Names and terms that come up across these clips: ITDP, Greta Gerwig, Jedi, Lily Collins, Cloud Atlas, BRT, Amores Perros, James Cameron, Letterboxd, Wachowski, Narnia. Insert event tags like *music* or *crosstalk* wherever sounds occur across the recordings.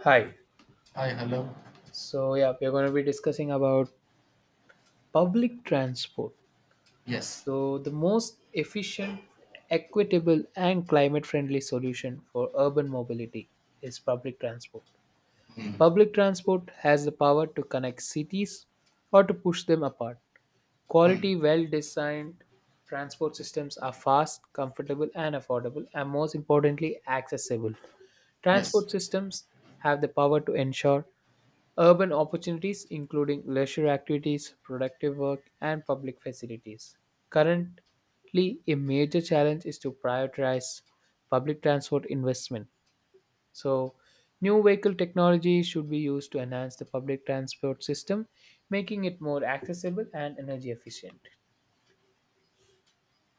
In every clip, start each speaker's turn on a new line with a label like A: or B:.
A: Hi.
B: Hi, hello.
A: So, yeah, we're going to be discussing about public transport.
B: Yes.
A: So, the most efficient, equitable, and climate friendly solution for urban mobility is public transport.
B: Hmm.
A: Public transport has the power to connect cities or to push them apart.
B: Hmm.
A: Quality, well designed transport systems are fast, comfortable, and affordable, and most importantly, accessible.
B: Yes.
A: Transport systems have the power to ensure Urban opportunities including leisure activities, productive work, and public facilities. Currently, a major challenge is to prioritize public transport investment. So, new vehicle technology should be used to enhance the public transport system, making it more accessible and energy efficient.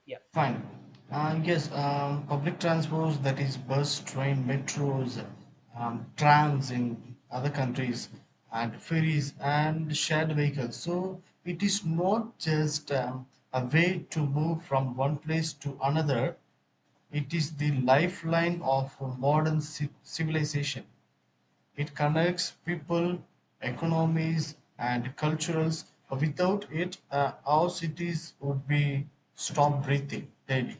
A: Yeah.
B: Fine. And yes, public transports, that is bus, train, metros, trams in other countries, and ferries and shared vehicles. So it is not just a way to move from one place to another. It is the lifeline of modern civilization. It connects people, economies, and cultures. Without it, our cities would be stop breathing daily.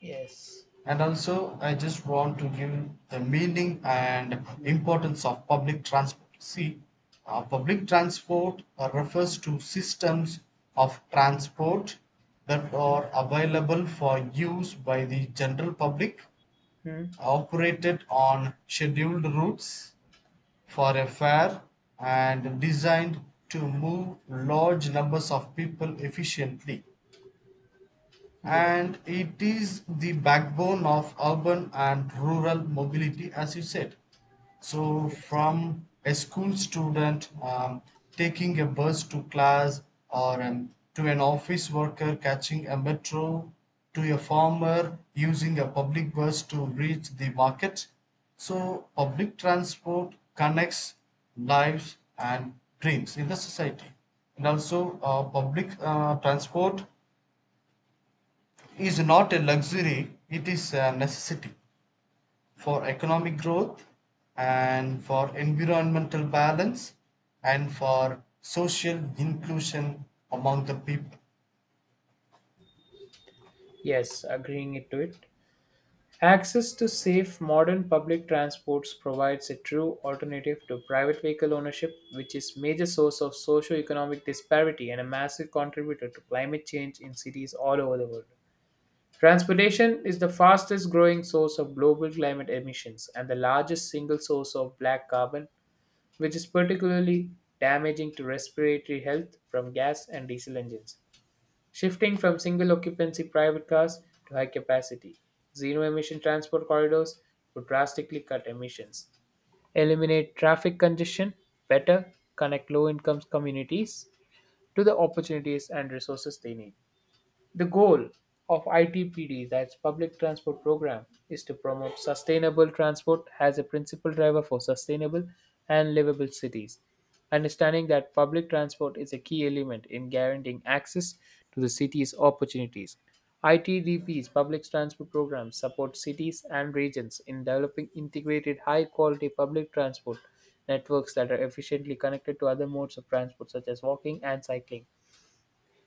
A: Yes.
B: And also, I just want to give the meaning and
A: Mhm.
B: importance of public transport. See, public transport refers to systems of transport that are available for use by the general public,
A: Mhm.
B: operated on scheduled routes for a fair and designed to move large numbers of people efficiently,
A: Yes.
B: and it is the backbone of urban and rural mobility, as you said. So,
A: Yes.
B: from a school student taking a bus to class, or to an office worker catching a metro, to a farmer using a public bus to reach the market. So, public transport connects lives and dreams in the society. And also, public transport is not a luxury, it is a necessity for economic growth and for environmental balance and for social inclusion among the people.
A: Yes, agreeing it to it. Access to safe modern public transports provides a true alternative to private vehicle ownership, which is major source of socio-economic disparity and a massive contributor to climate change in cities all over the world. Transportation is the fastest growing source of global climate emissions and the largest single source of black carbon, which is particularly damaging to respiratory health from gas and diesel engines. Shifting from single occupancy private cars to high capacity, zero emission transport corridors would drastically cut emissions, eliminate traffic congestion, better connect low income communities to the opportunities and resources they need. The goal of ITPD, that's Public Transport Program, is to promote sustainable transport as a principal driver for sustainable and livable cities. Understanding that public transport is a key element in guaranteeing access to the city's opportunities. ITDP's public transport program supports cities and regions in developing integrated high quality public transport networks that are efficiently connected to other modes of transport such as walking and cycling.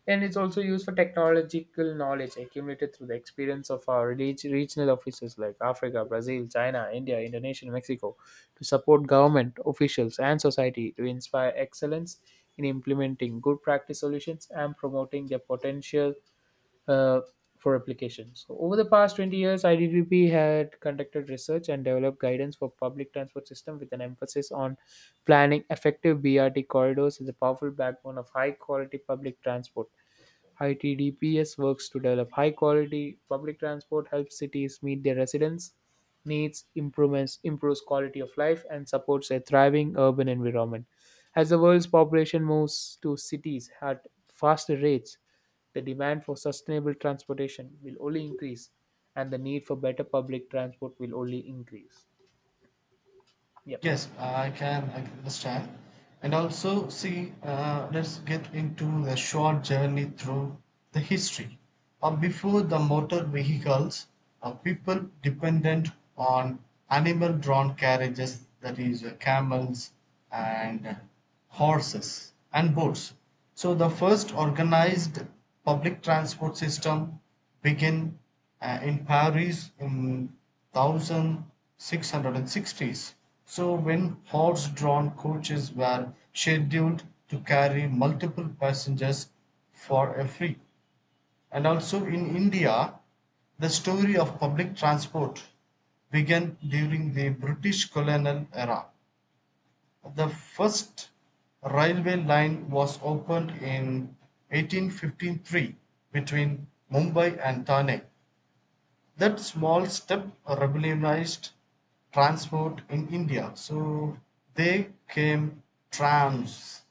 A: And it's also used for technological knowledge accumulated through the experience of our regional offices like Africa, Brazil, China, India, Indonesia, and Mexico to support government, officials, and society to inspire excellence in implementing good practice solutions and promoting their potential uh, for application. So, over the past 20 years, IDDP had conducted research and developed guidance for public transport system with an emphasis on planning effective BRT corridors as a powerful backbone of high quality public transport. ITDPS works to develop high quality public transport, helps cities meet their residents' needs, improvements, improves quality of life, and supports a thriving urban environment. As the world's population moves to cities at faster rates, the demand for sustainable transportation will only increase, and the need for better public transport will only increase. Yep.
B: Yes, I can understand. And also, see, let's get into the short journey through the history. Before the motor vehicles, people dependent on animal drawn carriages, that is, camels and horses and boats. So, the first organized public transport system begin in Paris in 1660s. So, when horse drawn coaches were scheduled to carry multiple passengers for a fee, and also in India, the story of public transport began during the British colonial era. The first railway line was opened in 1853 between Mumbai and Thane. That small step revolutionized transport in India. So they came trams,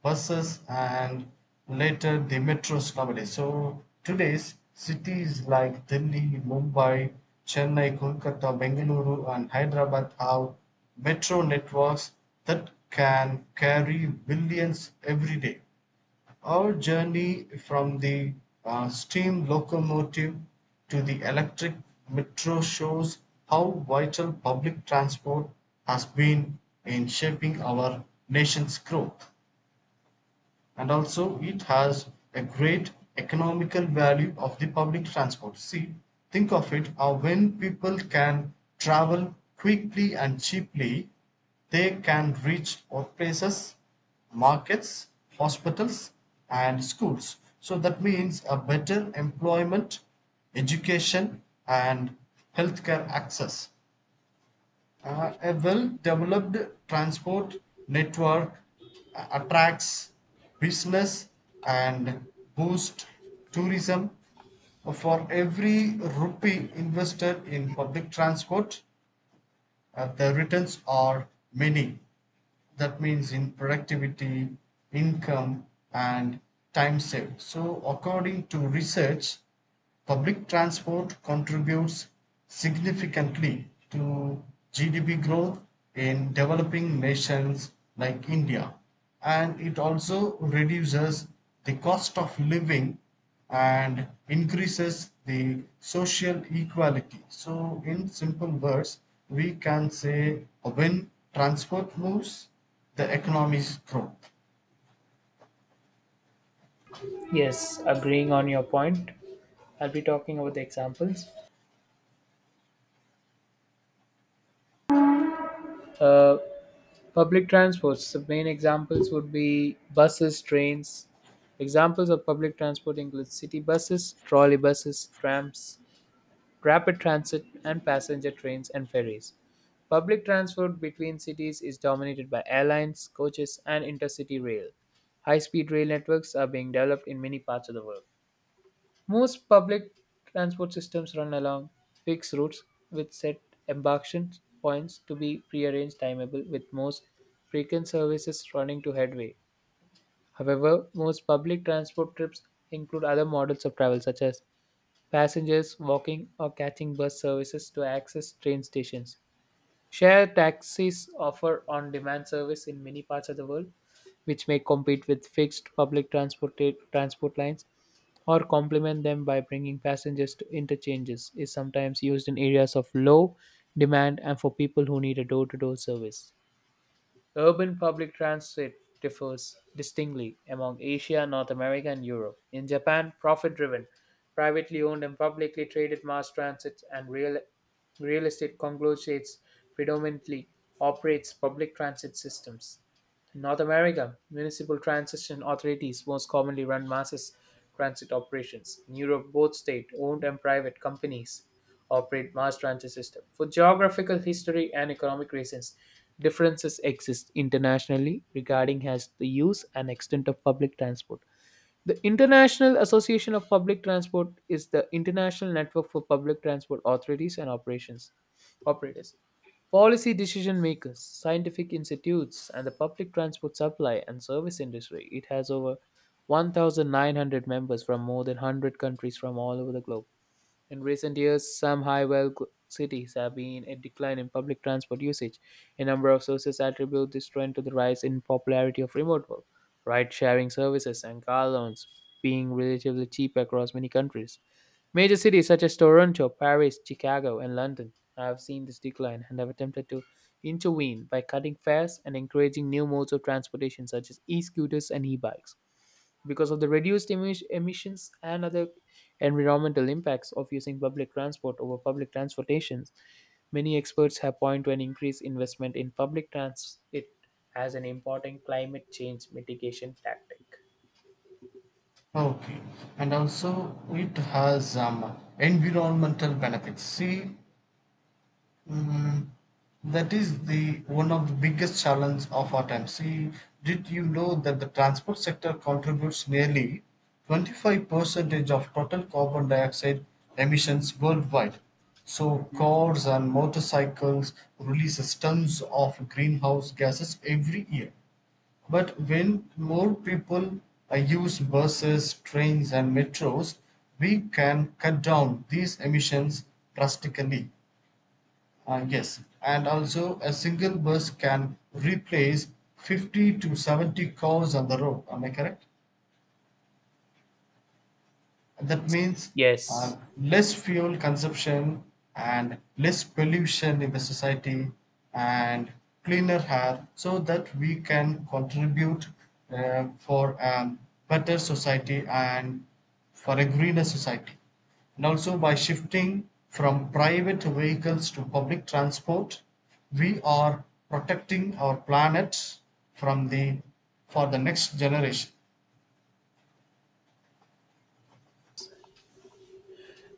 B: buses, and later the metros nowadays. So today's cities like Delhi, Mumbai, Chennai, Kolkata, Bengaluru, and Hyderabad have metro networks that can carry billions every day. Our journey from the steam locomotive to the electric metro shows how vital public transport has been in shaping our nation's growth, and also it has a great economical value of the public transport. See, think of it, when people can travel quickly and cheaply, they can reach workplaces, markets, hospitals, and schools, so that means a better employment, education, and healthcare access. A well developed transport network attracts business and boosts tourism. For every rupee invested in public transport, the returns are many. That means in productivity, income, and time saved. So, according to research, public transport contributes significantly to GDP growth in developing nations like India, and it also reduces the cost of living and increases the social equality. So, in simple words, we can say when transport moves, the economies grow.
A: Yes, agreeing on your point. I'll be talking about the examples. Uh, Public transports. The main examples would be buses, trains. Examples of public transport include city buses, trolley buses, trams, rapid transit, and passenger trains and ferries. Public transport between cities is dominated by airlines, coaches, and intercity rail. High speed rail networks are being developed in many parts of the world. Most public transport systems run along fixed routes with set embarkation points to be prearranged timeable with most frequent services running to headway. However, most public transport trips include other models of travel such as passengers walking or catching bus services to access train stations. Share taxis offer on-demand service in many parts of the world which may compete with fixed public transport lines or complement them by bringing passengers to interchanges is sometimes used in areas of low demand and for people who need a door-to-door service. Urban public transit differs distinctly among Asia, North America, and Europe. In Japan, profit-driven, privately owned and publicly traded mass transit and real estate conglomerates predominantly operates public transit systems. In North America, municipal transit authorities most commonly run mass transit operations. In Europe, both state owned and private companies operate mass transit system. For geographical history and economic reasons, differences exist internationally regarding as the use and extent of public transport. The International Association of Public Transport is the international network for public transport authorities and operations operators, policy decision makers, scientific institutes, and the public transport supply and service industry. It has over 1,900 members from more than 100 countries from all over the globe. In recent years, some high-wealth cities have been a decline in public transport usage. A number of sources attribute this trend to the rise in popularity of remote work, ride-sharing services, and car loans being relatively cheap across many countries. Major cities such as Toronto, Paris, Chicago, and London have seen this decline and have attempted to intervene by cutting fares and encouraging new modes of transportation such as e scooters and e bikes. Because of the reduced emissions and other Environmental impacts of using public transport over public transportations. Many experts have pointed to an increased investment in public transit as an important climate change mitigation tactic.
B: Okay, and also it has environmental benefits. See, Mm, that is the one of the biggest challenge of our time. See, did you know that the transport sector contributes nearly 25% of total carbon dioxide emissions worldwide? So
A: Mhm.
B: cars and motorcycles release tons of greenhouse gases every year. But when more people use buses, trains, and metros, we can cut down these emissions drastically. Yes, and also a single bus can replace 50 to 70 cars on the road. Am I correct? That means
A: Yes.
B: less fuel consumption and less pollution in the society and cleaner air, so that we can contribute for a better society and for a greener society. And also by shifting from private vehicles to public transport, we are protecting our planet from the for the next generation.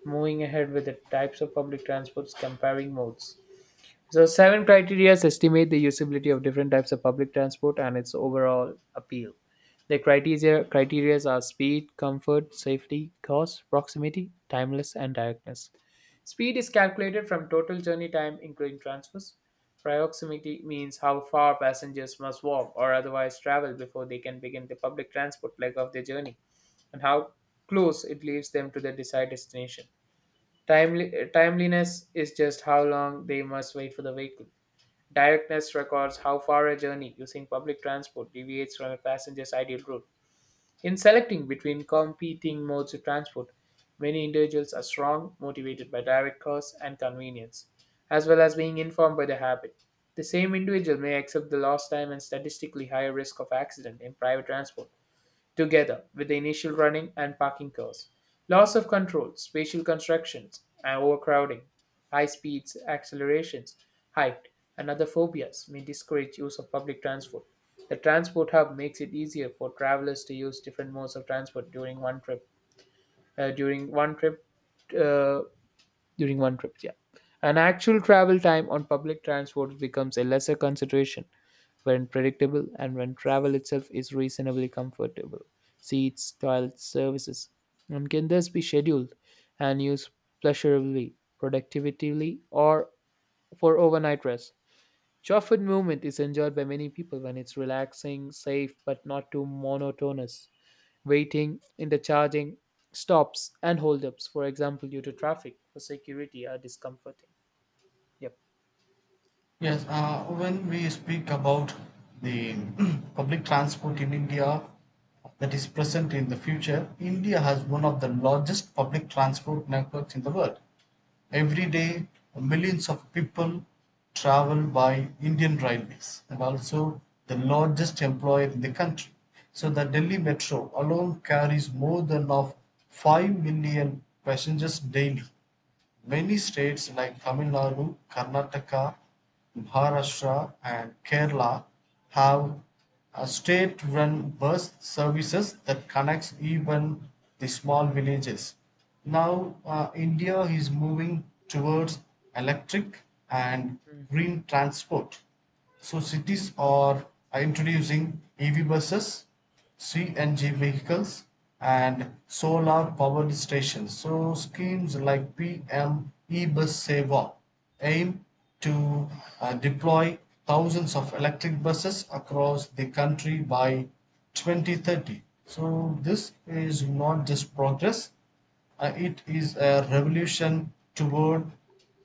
A: Moving ahead with the types of public transports, comparing modes. So, seven criteria estimate the usability of different types of public transport and its overall appeal. The criteria are speed, comfort, safety, cost, proximity, timeless, and directness. Speed is calculated from total journey time, including transfers. Proximity means how far passengers must walk or otherwise travel before they can begin the public transport leg of their journey, and how close it leaves them to their desired destination. Timeliness is just how long they must wait for the vehicle. Directness records how far a journey using public transport deviates from a passenger's ideal route. In selecting between competing modes of transport, many individuals are strong, motivated by direct cost and convenience, as well as being informed by the habit. The same individual may accept the lost time and statistically higher risk of accident in private transport together with the initial running and parking costs. Loss of control, spatial constructions, and overcrowding, high speeds, accelerations, height, and other phobias may discourage use of public transport. The transport hub makes it easier for travelers to use different modes of transport during one trip. Uh, during one trip, uh, during one trip, yeah. An actual travel time on public transport becomes a lesser consideration when predictable, and when travel itself is reasonably comfortable. Seats, toilets, services, and can thus be scheduled and used pleasurably, productively, or for overnight rest. Chopford movement is enjoyed by many people when it's relaxing, safe, but not too monotonous. Waiting, intercharging, stops, and holdups, for example, due to traffic, for security, are discomforting. Yep.
B: Yes, when we speak about the *clears throat* public transport in India that is present in the future, India has one of the largest public transport networks in the world. Every day, millions of people travel by Indian railways and also the largest employer in the country. So, the Delhi Metro alone carries more than of 5 million passengers daily. Many states like Tamil Nadu, Karnataka, Maharashtra, and Kerala have state-run bus services that connects even the small villages. Now India is moving towards electric and
A: Mm.
B: green transport. So cities are introducing EV buses, CNG vehicles, and solar powered stations. So schemes like PM e-bus Seva aim to deploy thousands of electric buses across the country by 2030. So this is not just progress, it is a revolution toward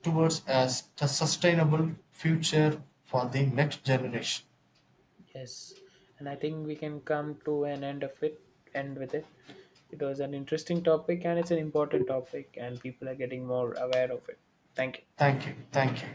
B: towards a sustainable future for the next generation.
A: Yes, and I think we can come to an end of it. End with it. It was an interesting topic, and it's an important topic, and people are getting more aware of it. Thank you.
B: Thank you. Thank you.